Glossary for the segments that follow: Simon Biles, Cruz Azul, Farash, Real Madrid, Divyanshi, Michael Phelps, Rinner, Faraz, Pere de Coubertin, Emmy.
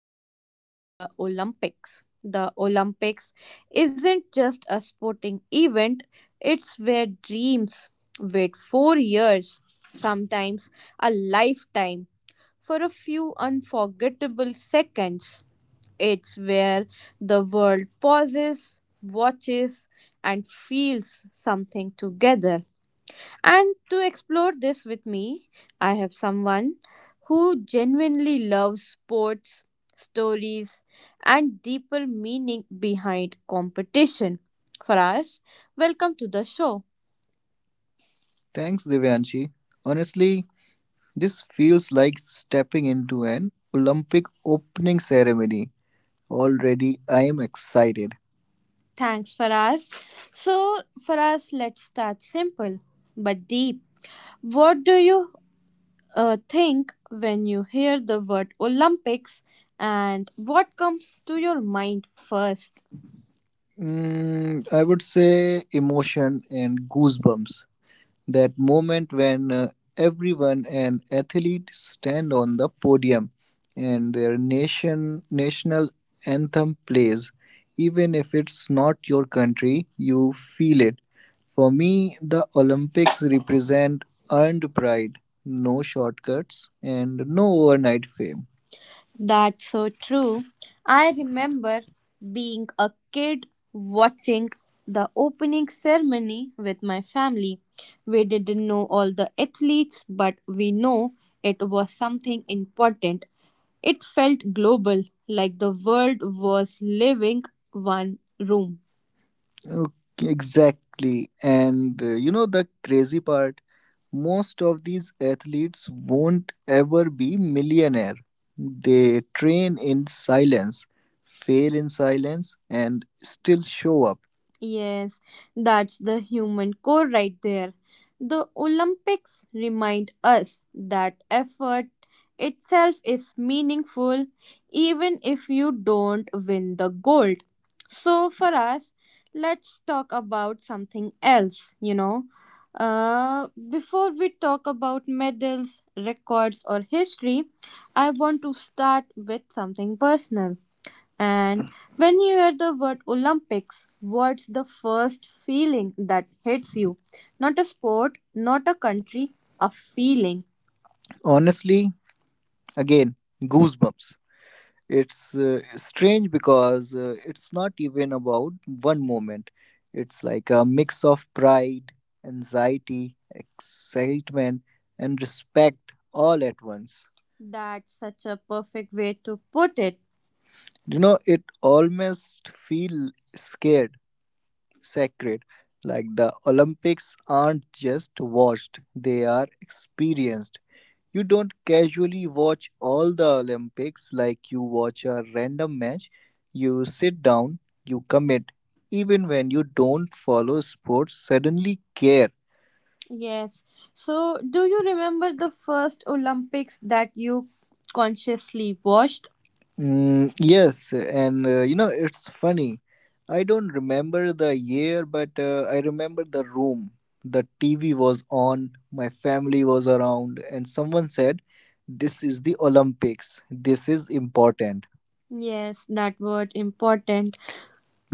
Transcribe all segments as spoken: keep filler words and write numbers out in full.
topic is the Olympics. The Olympics isn't just a sporting event, it's where dreams wait four years, sometimes a lifetime, for a few unforgettable seconds. It's where the world pauses, watches, and feels something together. And to explore this with me, I have someone who genuinely loves sports, stories, and deeper meaning behind competition. Farash, welcome to the show. Thanks, Divyanshi. Honestly, this feels like stepping into an Olympic opening ceremony. Already, I am excited. Thanks, Faraz. So, Faraz, let's start simple but deep. What do you uh, think when you hear the word Olympics and what comes to your mind first? Mm, I would say emotion and goosebumps, that moment when uh, everyone and athlete stand on the podium and their nation national anthem plays, even if it's not your country you feel it. For me the Olympics represent earned pride, no shortcuts and no overnight fame. That's so true. I remember being a kid watching the opening ceremony with my family. We didn't know all the athletes, but we know it was something important. It felt global, like the world was living one room. Okay. Exactly. And uh, you know the crazy part, most of these athletes won't ever be millionaire. They train in silence, fail in silence and still show up. Yes, that's the human core right there. The Olympics remind us that effort itself is meaningful even if you don't win the gold. So for us, let's talk about something else, you know. Uh, before we talk about medals, records, or history, I want to start with something personal. And when you hear the word Olympics, what's the first feeling that hits you? Not a sport, not a country, a feeling. Honestly, again, goosebumps. It's uh, strange because uh, it's not even about one moment. It's like a mix of pride, anxiety, excitement, and respect all at once. That's such a perfect way to put it. You know, it almost feel scared, sacred. Like the Olympics aren't just watched, they are experienced. You don't casually watch all the Olympics like you watch a random match. You sit down, you commit. Even when you don't follow sports, suddenly care. Yes. So, do you remember the first Olympics that you consciously watched? Mm, yes, and uh, you know, it's funny. I don't remember the year, but uh, I remember the room. The T V was on, my family was around, and someone said, "This is the Olympics. This is important." Yes, that word important.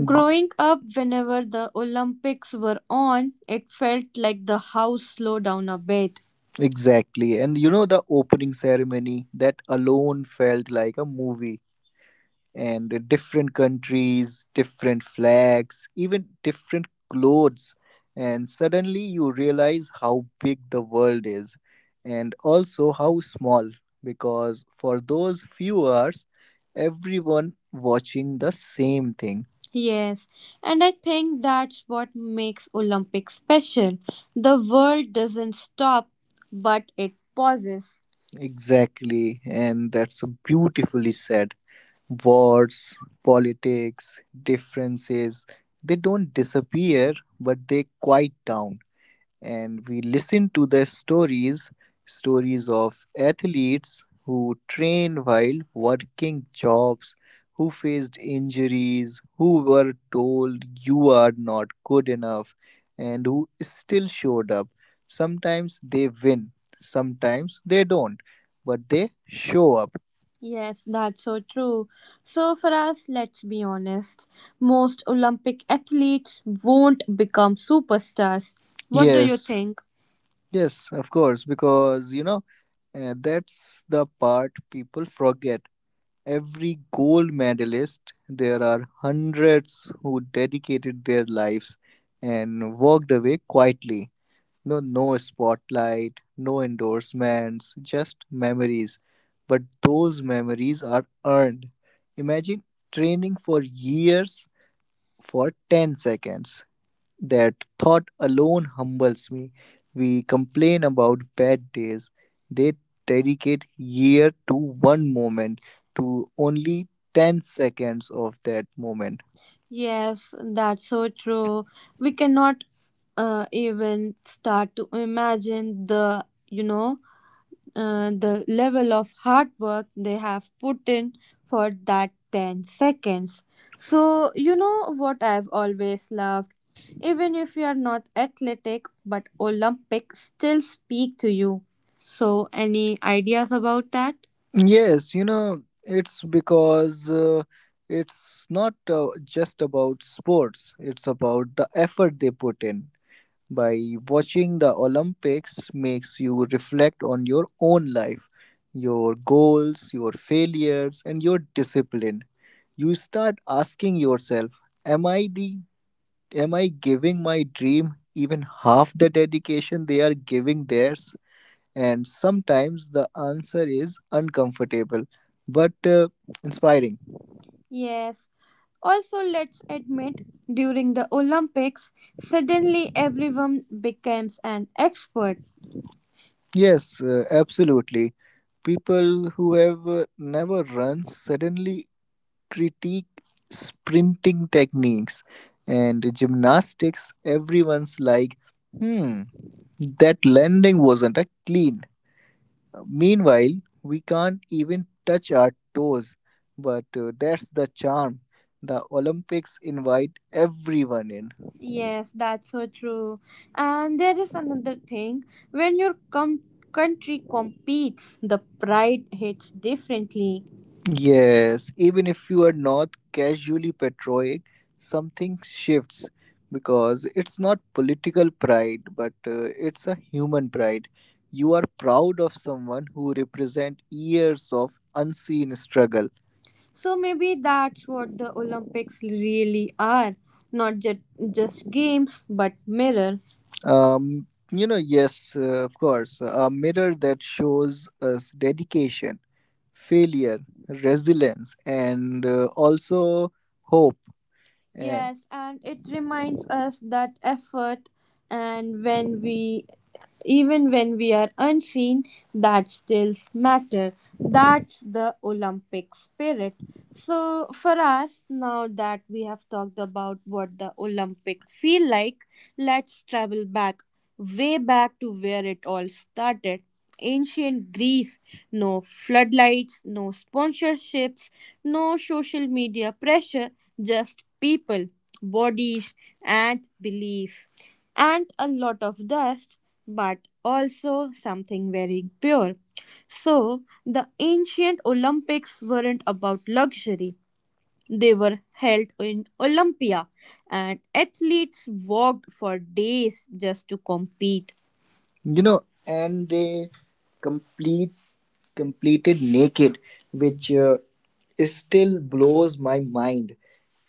Growing up, whenever the Olympics were on, it felt like the house slowed down a bit. Exactly. And you know, the opening ceremony, that alone felt like a movie, and uh, different countries, different flags, even different clothes. And suddenly you realize how big the world is and also how small, because for those few hours, everyone watching the same thing. Yes, and I think that's what makes Olympics special. The world doesn't stop, but it pauses. Exactly, and that's beautifully said. Wars, politics, differences, they don't disappear, but they quiet down and we listen to the stories, stories of athletes who train while working jobs, who faced injuries, who were told you are not good enough, and who still showed up. Sometimes they win, sometimes they don't, but they show up. Yes, that's so true. So, for us, let's be honest, most Olympic athletes won't become superstars. What do you, yes, think? Yes, of course, because you know, uh, that's the part people forget. Every gold medalist, there are hundreds who dedicated their lives and walked away quietly. No, no spotlight, no endorsements, just memories. But those memories are earned. Imagine training for years for ten seconds. That thought alone humbles me. We complain about bad days. They dedicate year to one moment, to only ten seconds of that moment. Yes, that's so true. We cannot uh, even start to imagine the, you know, uh, the level of hard work they have put in for that ten seconds. So, you know what I've always loved? Even if you are not athletic, but Olympics still speak to you. So, any ideas about that? Yes, you know, it's because uh, it's not uh, just about sports, it's about the effort they put in. By watching the Olympics makes you reflect on your own life, your goals, your failures and your discipline. You start asking yourself, am I the am I giving my dream even half the dedication they are giving theirs? And sometimes the answer is uncomfortable, but uh, inspiring. Yes. Also, let's admit, during the Olympics, suddenly everyone becomes an expert. Yes, uh, absolutely. People who have uh, never run suddenly critique sprinting techniques and gymnastics, everyone's like, hmm, that landing wasn't a clean. Meanwhile, we can't even touch our toes, but uh, that's the charm. The Olympics invite everyone in. Yes, that's so true. And there is another thing, when your com- country competes, the pride hits differently. Yes, even if you are not casually patriotic, something shifts, because it's not political pride, but uh, it's a human pride. You are proud of someone who represents years of unseen struggle. So maybe that's what the Olympics really are, not just, just games but mirror. Um, you know, yes, uh, of course, a mirror that shows us dedication, failure, resilience, and uh, also hope. And yes, and it reminds us that effort, and when we even when we are unseen, that still matter. That's the Olympic spirit. So for us, now that we have talked about what the Olympic feel like, let's travel back, way back to where it all started. Ancient Greece, no floodlights, no sponsorships, no social media pressure, just people, bodies, and belief, and a lot of dust, but also something very pure. So, the ancient Olympics weren't about luxury, they were held in Olympia, and athletes walked for days just to compete. You know, and they complete completed naked, which uh, is still blows my mind.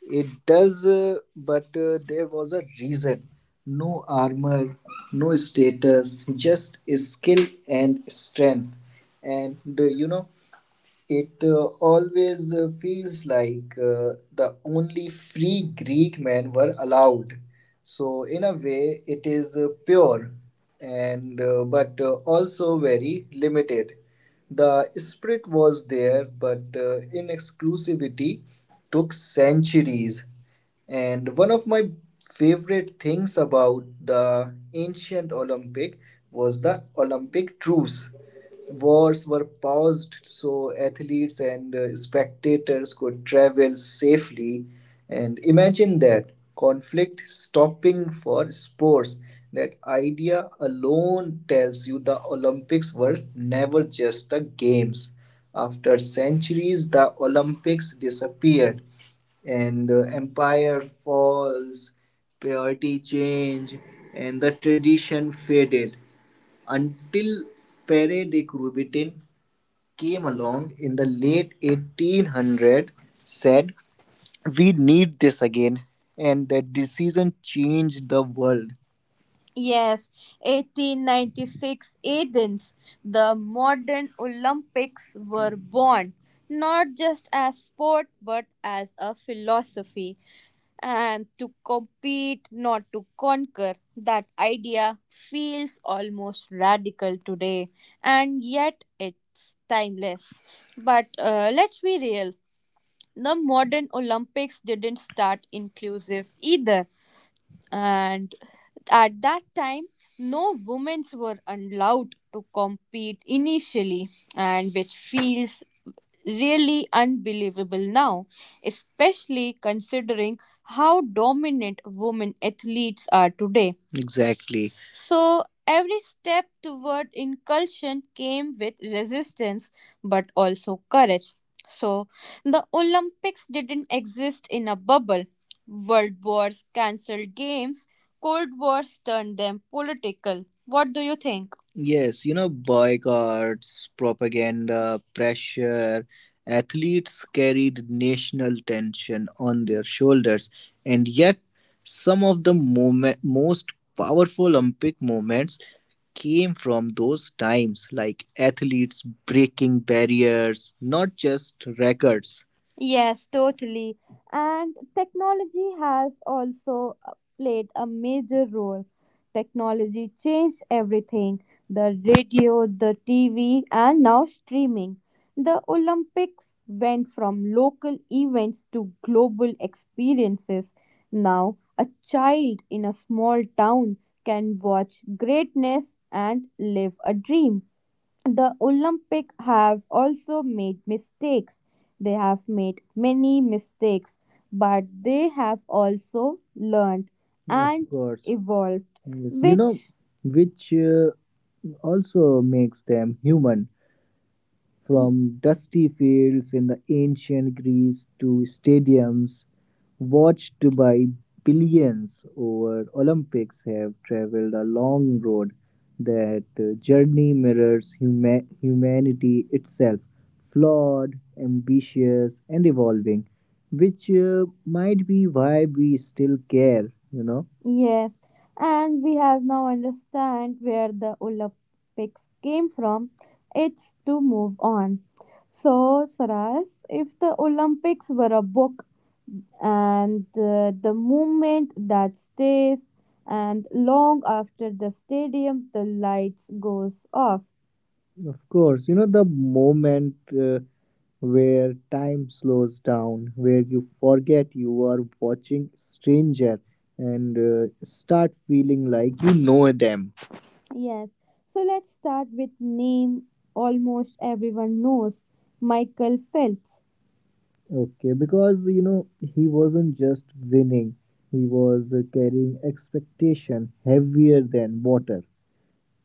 It does, uh, but uh, there was a reason. No armor, no status, just skill and strength. And uh, you know, it uh, always uh, feels like uh, the only free Greek men were allowed. So, in a way, it is uh, pure, and uh, but uh, also very limited. The spirit was there, but uh, in exclusivity took centuries. And one of my favorite things about the ancient Olympic was the Olympic truce. Wars were paused so athletes and uh, spectators could travel safely. And imagine that, conflict stopping for sports. That idea alone tells you the Olympics were never just the games. After centuries, the Olympics disappeared, and uh, empire falls, priority change, and the tradition faded until Pere de Coubertin came along in the late eighteen hundred, said we need this again, and that decision changed the world. Yes, eighteen ninety-six Athens, the modern Olympics were born, not just as sport but as a philosophy, and to compete, not to conquer. That idea feels almost radical today, and yet it's timeless. But uh, let's be real, the modern Olympics didn't start inclusive either, and at that time no women were allowed to compete initially, and which feels really unbelievable now, especially considering how dominant women athletes are today. Exactly. So every step toward inclusion came with resistance but also courage. So the Olympics didn't exist in a bubble. World wars cancelled games, Cold Wars turned them political. What do you think? Yes, you know, boycotts, propaganda, pressure. Athletes carried national tension on their shoulders, and yet, some of the moment, most powerful Olympic moments came from those times, like athletes breaking barriers, not just records. Yes, totally. And technology has also uh, played a major role. Technology changed everything, the radio, the T V, and now streaming. The Olympics went from local events to global experiences. Now, a child in a small town can watch greatness and live a dream. The Olympic have also made mistakes. They have made many mistakes, but they have also learned. Of And Of course. Evolved, yes. You know, which know, which uh, also makes them human. From dusty fields in the ancient Greece to stadiums watched by billions over Olympics have traveled a long road. That uh, journey mirrors huma- humanity itself, flawed, ambitious, and evolving, which uh, might be why we still care, you know. Yes, and we have now understand where the Olympics came from. It's to move on. So, Saras, if the Olympics were a book, and uh, the movement that stays and long after the stadium the lights goes off, of course, you know, the moment uh, where time slows down, where you forget you are watching stranger and uh, start feeling like you know them. Yes. So let's start with name almost everyone knows, Michael Phelps. Okay, because you know he wasn't just winning; he was uh, carrying expectation heavier than water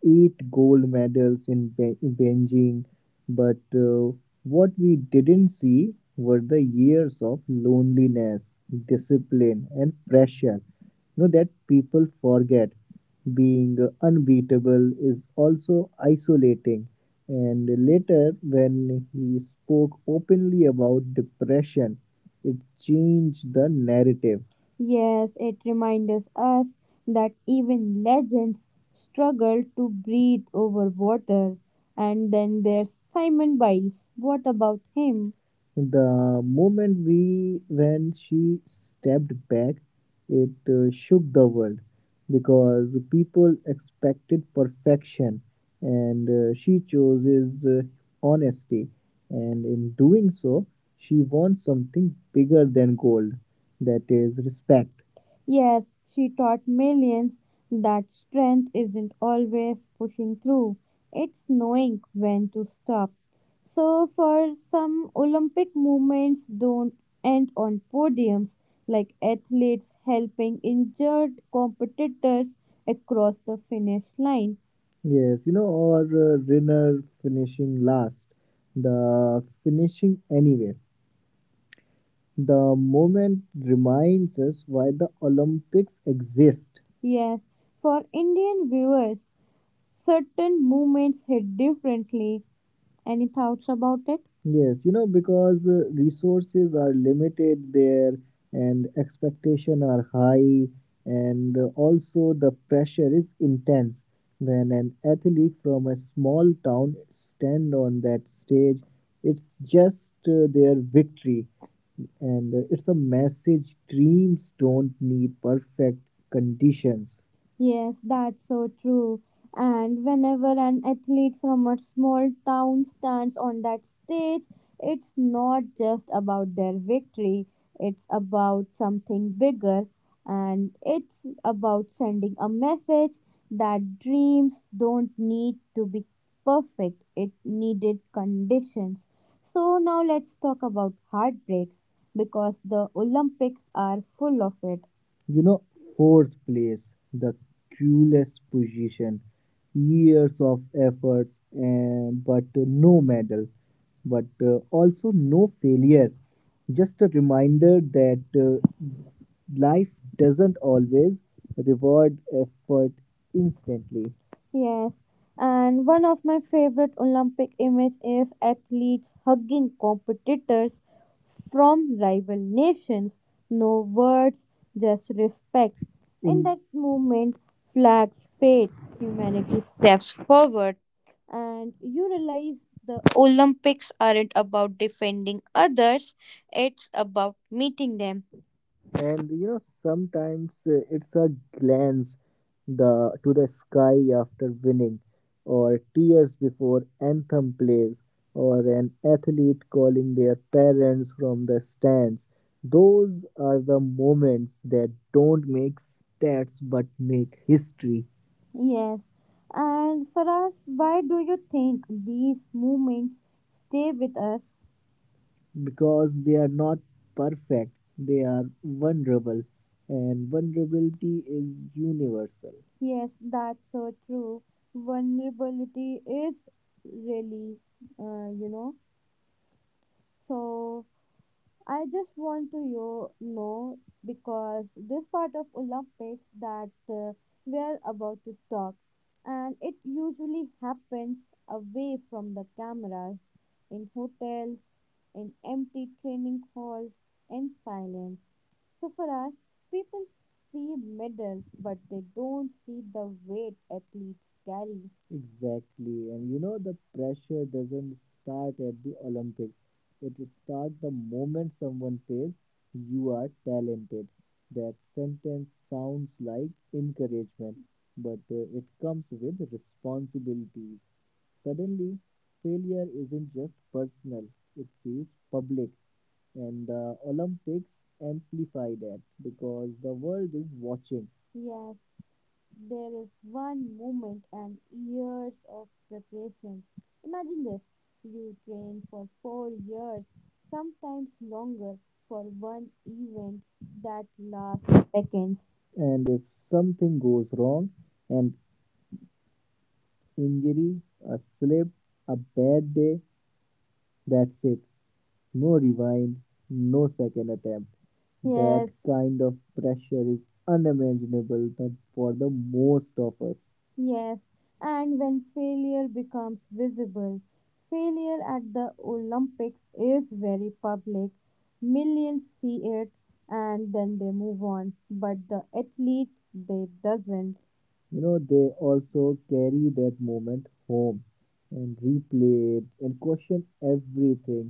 eight gold medals in Be- Beijing, but uh, what we didn't see were the years of loneliness, discipline, and pressure. You know that people forget being unbeatable is also isolating. And later, when he spoke openly about depression, it changed the narrative. Yes, it reminds us that even legends struggle to breathe over water. And then there's Simon Biles. What about him? The moment we when she stepped back, it uh, shook the world because people expected perfection and uh, she chooses uh, honesty, and in doing so she wants something bigger than gold, that is respect. Yes, she taught millions that strength isn't always pushing through, it's knowing when to stop. So, for some, Olympic movements don't end on podiums, like athletes helping injured competitors across the finish line. Yes, you know, or uh, Rinner finishing last, the finishing anywhere. The moment reminds us why the Olympics exist. Yes, for Indian viewers, certain movements hit differently. Any thoughts about it? Yes, you know, because uh, resources are limited there and expectation are high, and uh, also the pressure is intense. When an athlete from a small town stand on that stage, it's just uh, their victory, and uh, it's a message dreams don't need perfect conditions. Yes, that's so true. And whenever an athlete from a small town stands on that stage, it's not just about their victory, it's about something bigger. And it's about sending a message that dreams don't need to be perfect, it needed conditions. So, now let's talk about heartbreaks because the Olympics are full of it. You know, fourth place, the coolest position, years of efforts, and, but uh, no medal, but uh, also no failure. Just a reminder that uh, life doesn't always reward effort instantly. Yes, and one of my favorite Olympic images is athletes hugging competitors from rival nations. No words, just respect. In Mm. that moment, flags fade, humanity steps forward, and you realize the Olympics aren't about defending others, it's about meeting them. And you know sometimes uh, it's a glance the to the sky after winning, or tears before anthem plays, or an athlete calling their parents from the stands. Those are the moments that don't make stats but make history. Yes. And for us, why do you think these moments stay with us? Because they are not perfect, they are vulnerable, and vulnerability is universal. Yes, that's so true. Vulnerability is really, uh, you know, so I just want to you know because this part of Olympics that uh, we are about to talk, and it usually happens away from the cameras, in hotels, in empty training halls, in silence. So for us, people see medals, but they don't see the weight athletes carry. Exactly. And you know, the pressure doesn't start at the Olympics. It starts the moment someone says, "You are talented." That sentence sounds like encouragement, but uh, it comes with responsibilities. Suddenly, failure isn't just personal, it feels public. And the Olympics amplify that because the world is watching. Yes, there is one moment and years of preparation. Imagine this: you train for four years, sometimes longer, for one event that lasts seconds. And if something goes wrong, an injury, a slip, a bad day, that's it. No rewind, no second attempt. That, yes, kind of pressure is unimaginable the- for the most of us. Yes. And when failure becomes visible, failure at the Olympics is very public. Millions see it and then they move on, but the athlete they doesn't. You know, they also carry that moment home and replay it and question everything,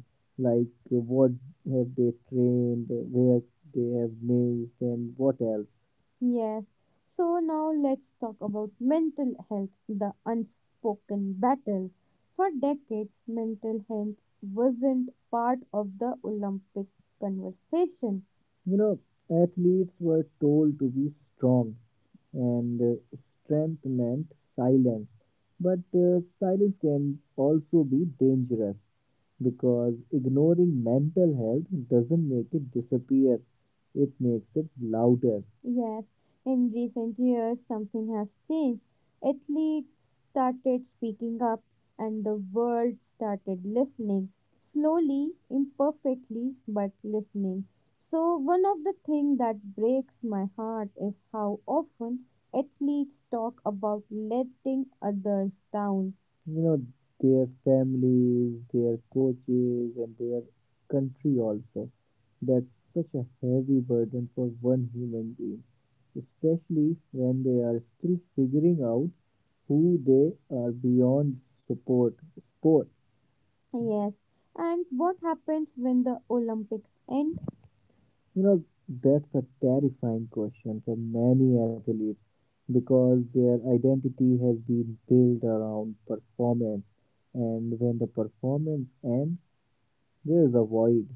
like uh, what have they trained, where they have missed, and what else. Yes. So now let's talk about mental health, the unspoken battle. For decades, mental health wasn't part of the Olympic conversation. You know, athletes were told to be strong, and uh, strength meant silence. But uh, silence can also be dangerous because ignoring mental health doesn't make it disappear, it makes it louder. Yes, in recent years something has changed. Athletes started speaking up and the world started listening. Slowly, imperfectly, but listening. So, one of the things that breaks my heart is how often athletes talk about letting others down, you know, their families, their coaches, and their country also. That's such a heavy burden for one human being, especially when they are still figuring out who they are beyond support sport. Yes. And what happens when the Olympics end? You know, that's a terrifying question for many athletes because their identity has been built around performance. And when the performance ends, there is a void.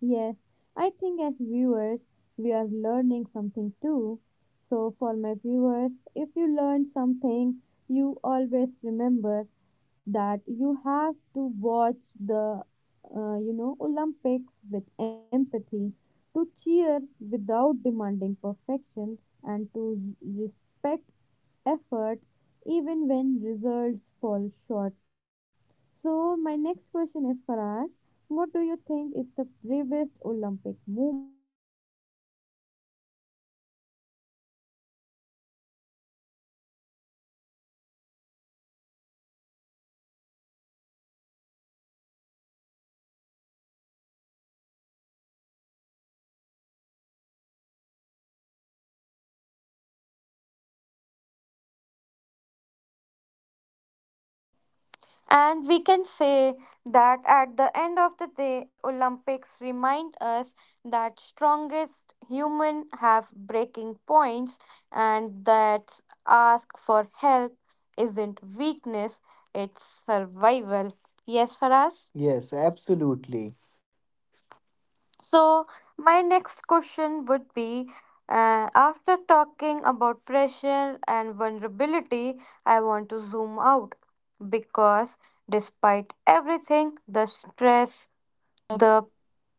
Yes, I think as viewers, we are learning something too. So, for my viewers, if you learn something, you always remember that you have to watch the, uh, you know, Olympics with empathy, to cheer without demanding perfection, and to respect effort even when results fall short. So, my next question And we can say that at the end of the day, Olympics remind us that strongest human have breaking points and that ask for help isn't weakness, it's survival. Yes, Faraz? Yes, absolutely. So, my next question would be uh, after talking about pressure and vulnerability, I want to zoom out because despite everything, the stress, the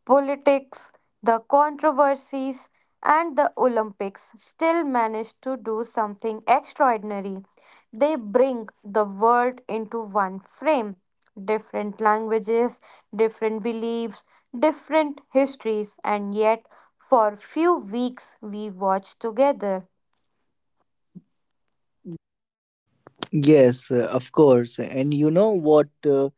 politics, the controversies, and the Olympics still manage to do something extraordinary. They bring the world into one frame. Different languages, different beliefs, different histories, and yet for few weeks we watch together. Yes, uh, of course. And you know what uh,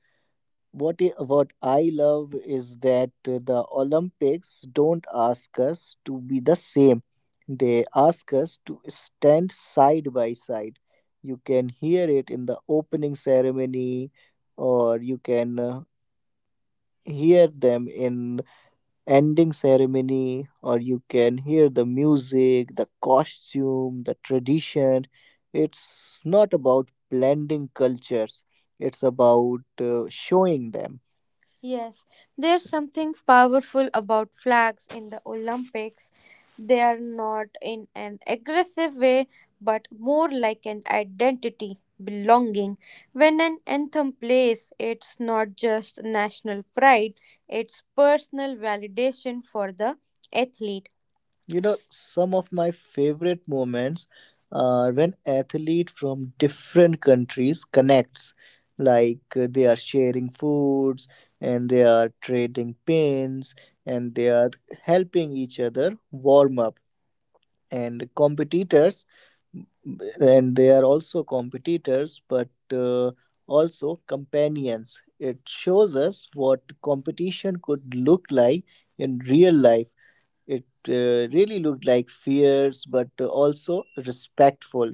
what i- what I love is that uh, the Olympics don't ask us to be the same. They ask us to stand side by side. You can hear it in the opening ceremony or you can uh, hear them in ending ceremony, or you can hear the music, the costume, the tradition. It's not about blending cultures, it's about uh, showing them. Yes, there's something powerful about flags in the Olympics. They are not in an aggressive way, but more like an identity, belonging. When an anthem plays, it's not just national pride, it's personal validation for the athlete. You know, some of my favorite moments are when athletes from different countries connects, like uh, they are sharing foods, and they are trading pins, and they are helping each other warm up and competitors, mm, and they are also competitors, but uh, also companions. It shows us what competition could look like in real life. It uh, really looked like fierce but also respectful.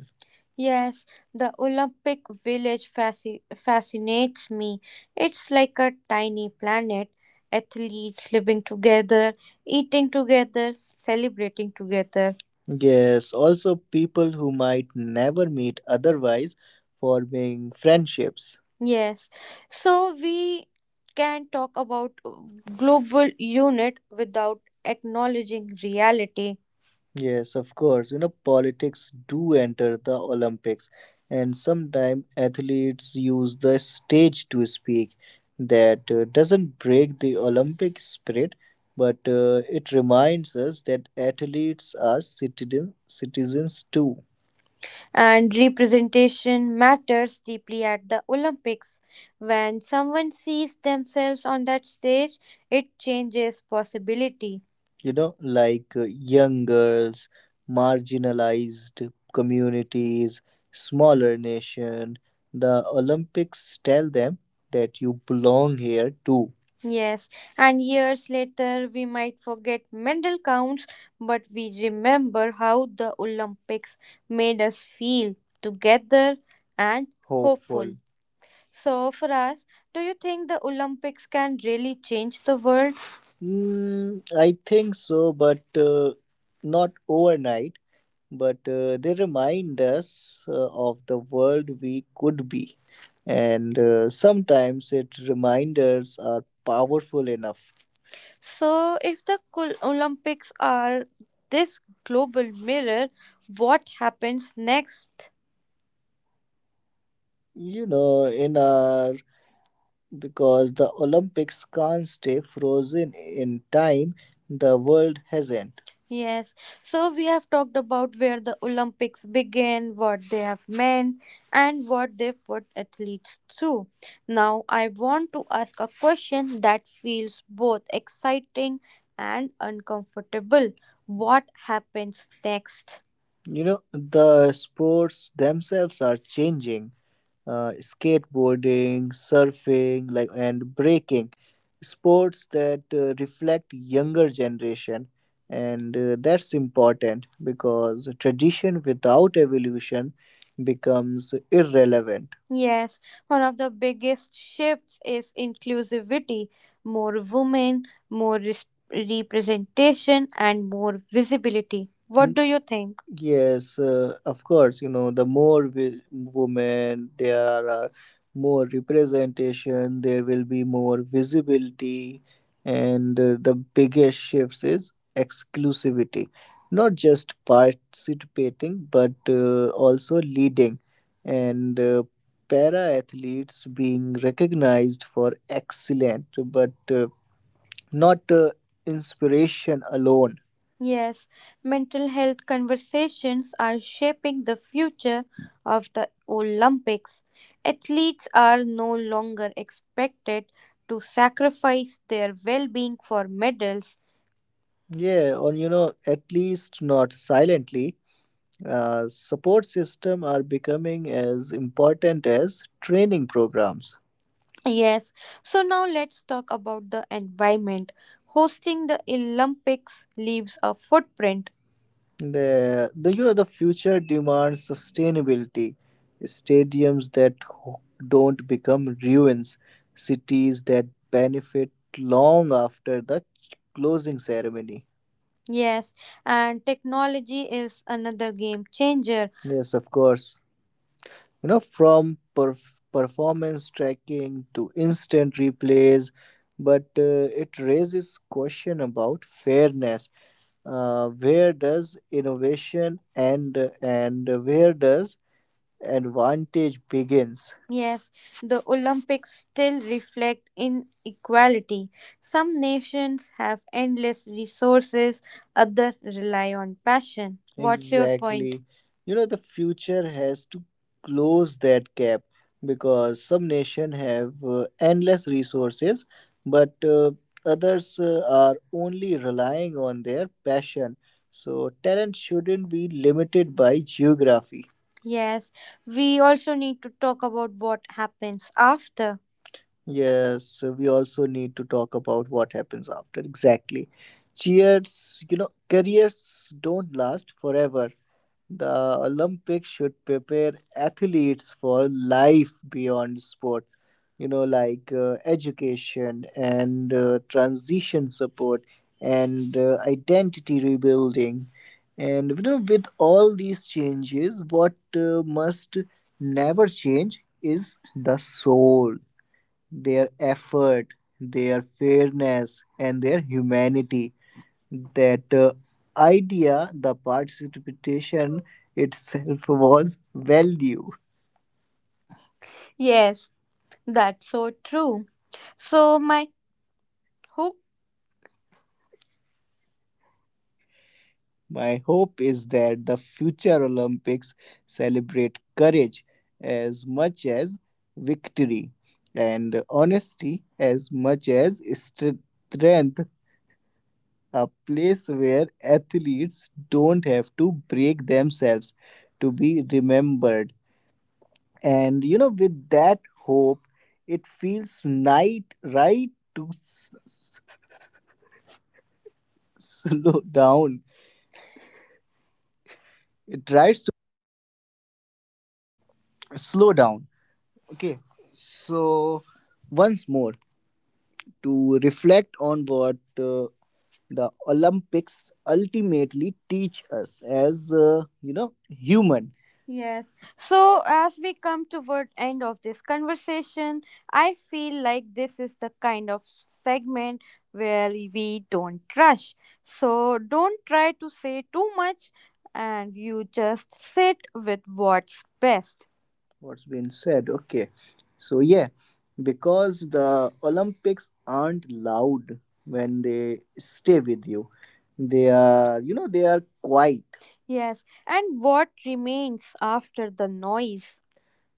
Yes, the Olympic Village fasci- fascinates me. It's like a tiny planet. Athletes living together, eating together, celebrating together. Yes, also people who might never meet otherwise forming friendships. Yes, so we can talk about global unit without acknowledging reality. Yes, of course. You know, politics do enter the Olympics, and sometimes athletes use the stage to speak. That uh, doesn't break the Olympic spirit, but uh, it reminds us that athletes are citizen, citizens too. And representation matters deeply at the Olympics. When someone sees themselves on that stage, it changes possibility. You know, like uh, young girls, marginalized communities, smaller nation. The Olympics tell them that you belong here too. Yes, and years later we might forget medal counts, but we remember how the Olympics made us feel together and Hopeful. hopeful. So, for us, do you think the Olympics can really change the world? Mm, I think so, but uh, not overnight. But uh, they remind us uh, of the world we could be, and uh, sometimes it reminders are powerful enough. So, if the Col- Olympics are this global mirror, what happens next? You know, in our, because the Olympics can't stay frozen in time, the world hasn't. Yes, so we have talked about where the Olympics begin, what they have meant, and what they put athletes through. Now, I want to ask a question that feels both exciting and uncomfortable. What happens next? You know, the sports themselves are changing, uh, skateboarding, surfing, like and breaking, sports that uh, reflect younger generation, and uh, that's important because tradition without evolution becomes irrelevant. Yes, one of the biggest shifts is inclusivity. More women, more res- representation, and more visibility. What do you think? Yes, uh, of course, you know, the more wi- women there are, uh, more representation, there will be more visibility, and uh, the biggest shifts is exclusivity. Not just participating, but uh, also leading, and uh, para athletes being recognized for excellent, but uh, not uh, inspiration alone. Yes, mental health conversations are shaping the future of the Olympics. Athletes are no longer expected to sacrifice their well being for medals. Yeah, or you know, at least not silently. Uh, support system are becoming as important as training programs. Yes, so now let's talk about the environment. Hosting the Olympics leaves a footprint. The, the you know the future demands sustainability, stadiums that ho- don't become ruins, cities that benefit long after the ch- closing ceremony. Yes, and technology is another game changer. Yes, of course, you know, from perf- performance tracking to instant replays, but uh, it raises question about fairness. uh, where does innovation end and where does Advantage begins. Yes, the Olympics still reflect inequality. Some nations have endless resources, others rely on passion. What's your point? Exactly. You know, the future has to close that gap, because some nations have uh, endless resources, but uh, others uh, are only relying on their passion. So, talent shouldn't be limited by geography. Yes, we also need to talk about what happens after. Yes, so we also need to talk about what happens after. Exactly. Cheers, you know, careers don't last forever. The Olympics should prepare athletes for life beyond sport, you know, like uh, education and uh, transition support and uh, identity rebuilding. And you know, with all these changes, what uh, must never change is the soul, their effort, their fairness, and their humanity, that uh, idea, the participation itself was value. Yes, that's so true. So, my hook my hope is that the future Olympics celebrate courage as much as victory, and honesty as much as strength, a place where athletes don't have to break themselves to be remembered. And you know, with that hope, it feels night right to s- s- s- slow down. It tries to slow down. Okay, so once more, to reflect on what uh, the Olympics ultimately teach us as uh, you know human. Yes. So as we come toward end of this conversation, I feel like this is the kind of segment where we don't rush. So don't try to say too much, and you just sit with what's best what's been said. Okay. So, yeah, because the Olympics aren't loud when they stay with you, they are, you know, they are quiet. Yes, and what remains after the noise?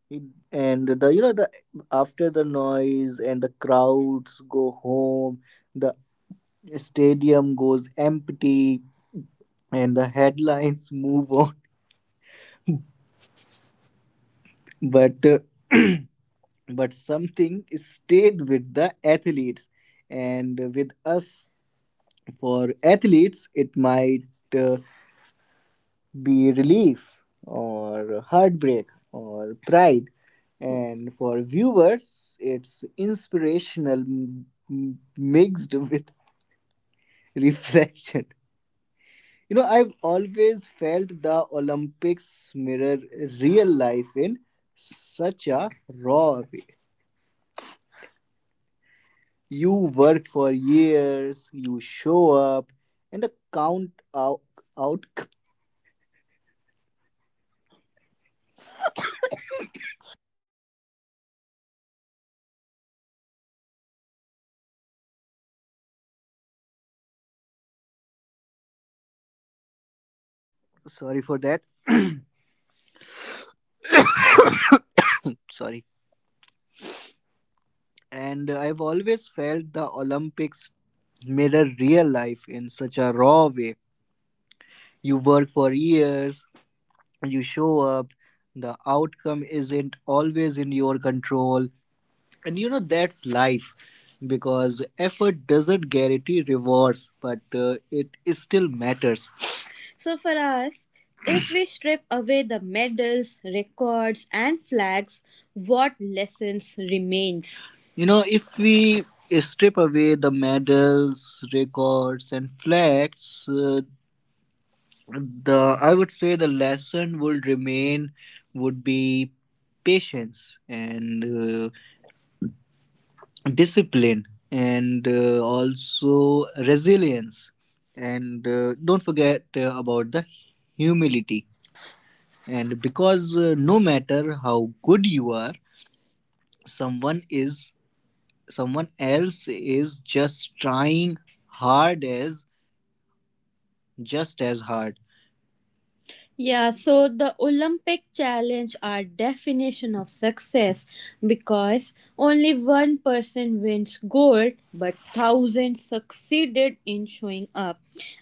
It- And the, you know, the after the noise and the crowds go home, the stadium goes empty, and the headlines move on. But uh, but something stayed with the athletes and with us. For athletes it might uh, be relief or heartbreak or pride, and for viewers it's inspirational m- m- mixed with reflection. You know, I've always felt the Olympics mirror real life in such a raw way. You work for years, you show up, and the count out, out sorry for that, sorry. And I've always felt the Olympics mirror real life in such a raw way. You work for years, you show up, the outcome isn't always in your control. And you know, that's life because effort doesn't guarantee rewards, but uh, it still matters. So for us, if we strip away the medals, records, and flags, what lessons remains? You know, if we strip away the medals, records, and flags, uh, the I would say the lesson would remain would be patience, and uh, discipline, and uh, also resilience, and uh, don't forget uh, about the humility, and because uh, no matter how good you are, someone is someone else is just trying hard as just as hard. Yeah, so the Olympic challenge are definition of success, because only one person wins gold, but thousands succeeded in showing up.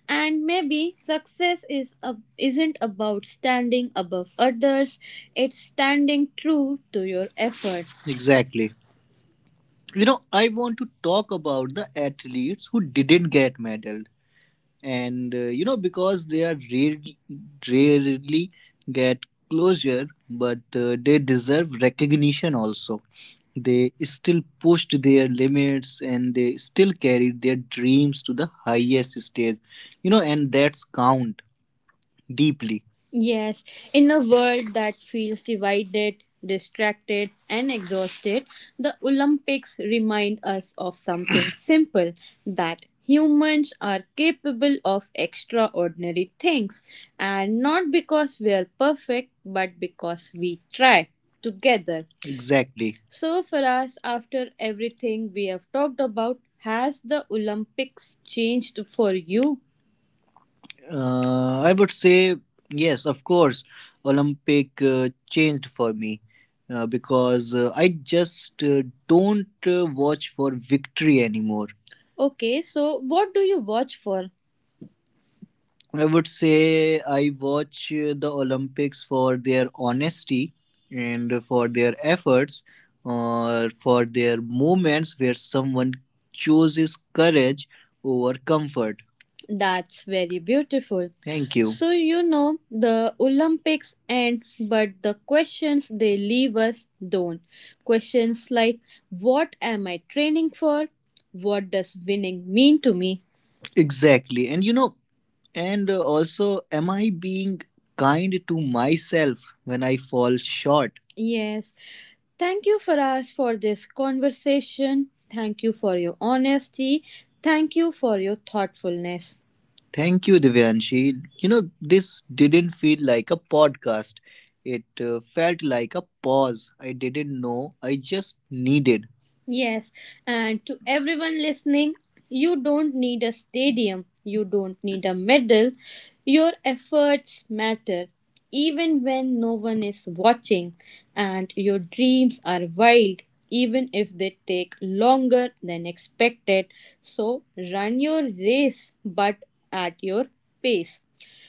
And maybe success is a, isn't about standing above others, it's standing true to your effort. Exactly. You know, I want to talk about the athletes who didn't get medal, and uh, you know because they are rare, rarely get closure, but uh, they deserve recognition also. They still pushed their limits and they still carried their dreams to the highest stage, you know, and that's count deeply. Yes, in a world that feels divided, distracted, and exhausted, the Olympics remind us of something simple, that humans are capable of extraordinary things, and not because we are perfect, but because we try together. Exactly. So, for us, after everything we have talked about, has the Olympics changed for you? Uh, I would say yes, of course. Olympic uh, changed for me uh, because uh, I just uh, don't uh, watch for victory anymore. Okay, so what do you watch for? I would say I watch uh, the Olympics for their honesty and for their efforts, or for their moments where someone chooses courage over comfort. That's very beautiful. Thank you. So you know the Olympics end, but the questions they leave us don't. Questions like, what am I training for? What does winning mean to me? Exactly. And you know, and uh, also, am I being kind to myself when I fall short? Yes. Thank you, Faraz, for this conversation. Thank you for your honesty. Thank you for your thoughtfulness. Thank you, Divyanshi. You know, this didn't feel like a podcast. It uh, felt like a pause I didn't know I just needed. Yes, and to everyone listening, you don't need a stadium, you don't need a medal. Your efforts matter, even when no one is watching, and your dreams are wild, even if they take longer than expected. So run your race, but at your pace.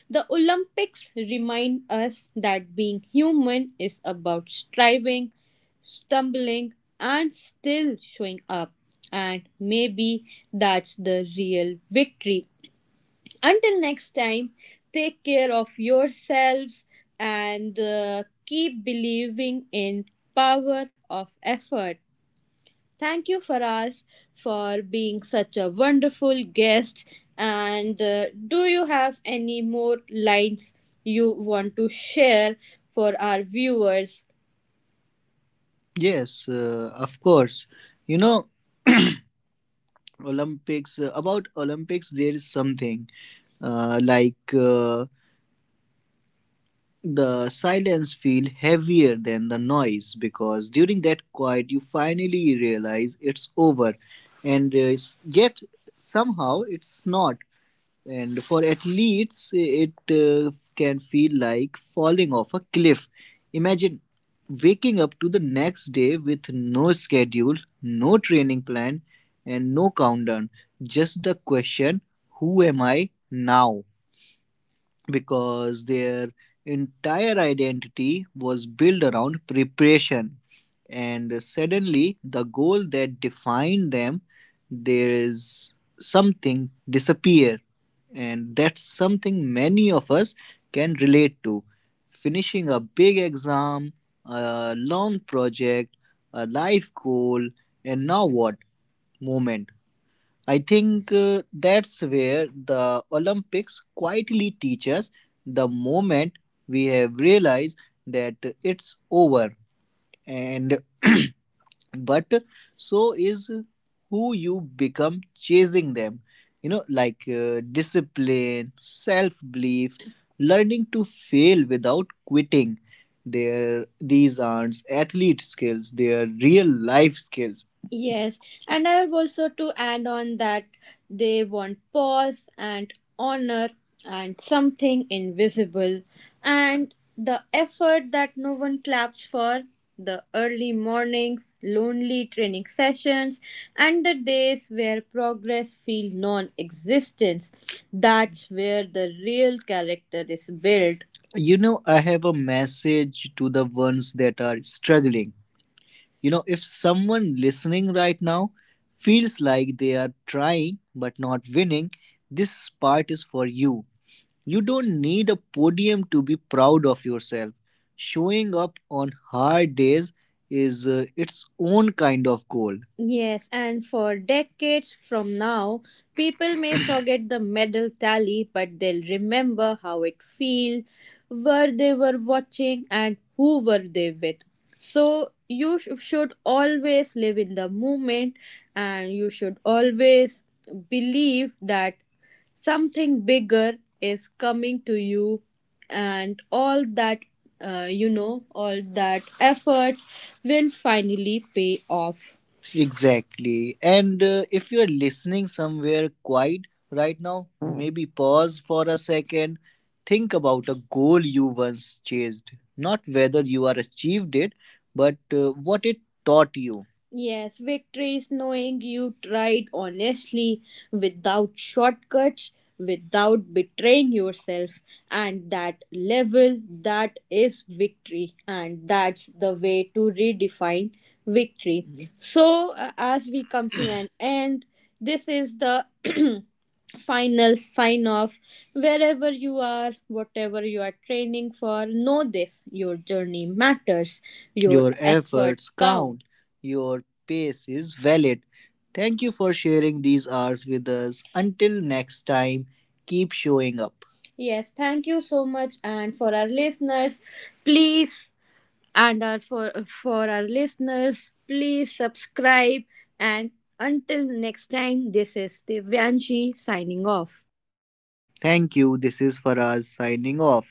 The Olympics remind us that being human is about striving, stumbling, and still showing up. And maybe that's the real victory. Until next time, take care of yourselves and uh, keep believing in power of effort. Thank you, Faraz, for being such a wonderful guest. And uh, do you have any more lines you want to share for our viewers? Yes, uh, of course. You know, Olympics, uh, about Olympics, there is something uh, like. Uh, the silence feel heavier than the noise, because during that quiet you finally realize it's over, and uh, s- yet somehow it's not. And for athletes it uh, can feel like falling off a cliff. Imagine waking up to the next day with no schedule, no training plan, and no countdown, just the question, who am I now? Because their entire identity was built around preparation. And suddenly, the goal that defined them, there is something disappear, and that's something many of us can relate to. Finishing a big exam, a long project, a life goal, and now what? Moment I think uh, that's where the Olympics quietly teach us the moment we have realized that it's over, and but so is who you become chasing them, you know, like uh, discipline, self belief, learning to fail without quitting. Their these aren't athlete skills, they are real life skills. Yes, and I have also to add on that, they want pause and honor, and something invisible, and the effort that no one claps for, the early mornings, lonely training sessions, and the days where progress feels non-existence, that's where the real character is built. You know, I have a message to the ones that are struggling. You know, if someone listening right now feels like they are trying but not winning, this part is for you. You don't need a podium to be proud of yourself. Showing up on hard days is uh, its own kind of goal. Yes, and for decades from now, people may forget the medal tally, but they'll remember how it feels, where they were watching, and who were they with. So you sh- should always live in the moment, and you should always believe that something bigger is coming to you, and all that uh, you know all that efforts will finally pay off. Exactly. And uh, if you're listening somewhere quiet right now, maybe pause for a second. Think about a goal you once chased. Not whether you are achieved it, but uh, what it taught you. Yes, victory is knowing you tried honestly, without shortcuts, without betraying yourself. And that level, that is victory. And that's the way to redefine victory. Mhm. So, uh, as we come to an end, this is the final sign off. Wherever you are, whatever you are training for, know this, your journey matters, your, your efforts efforts count count. Your pace is valid. Thank you for sharing these hours with us. Until next time, keep showing up. Yes, thank you so much. And for our listeners, please and our, for for our listeners, please subscribe. And until next time, this is Divyanshi signing off. Thank you. This is Faraz signing off.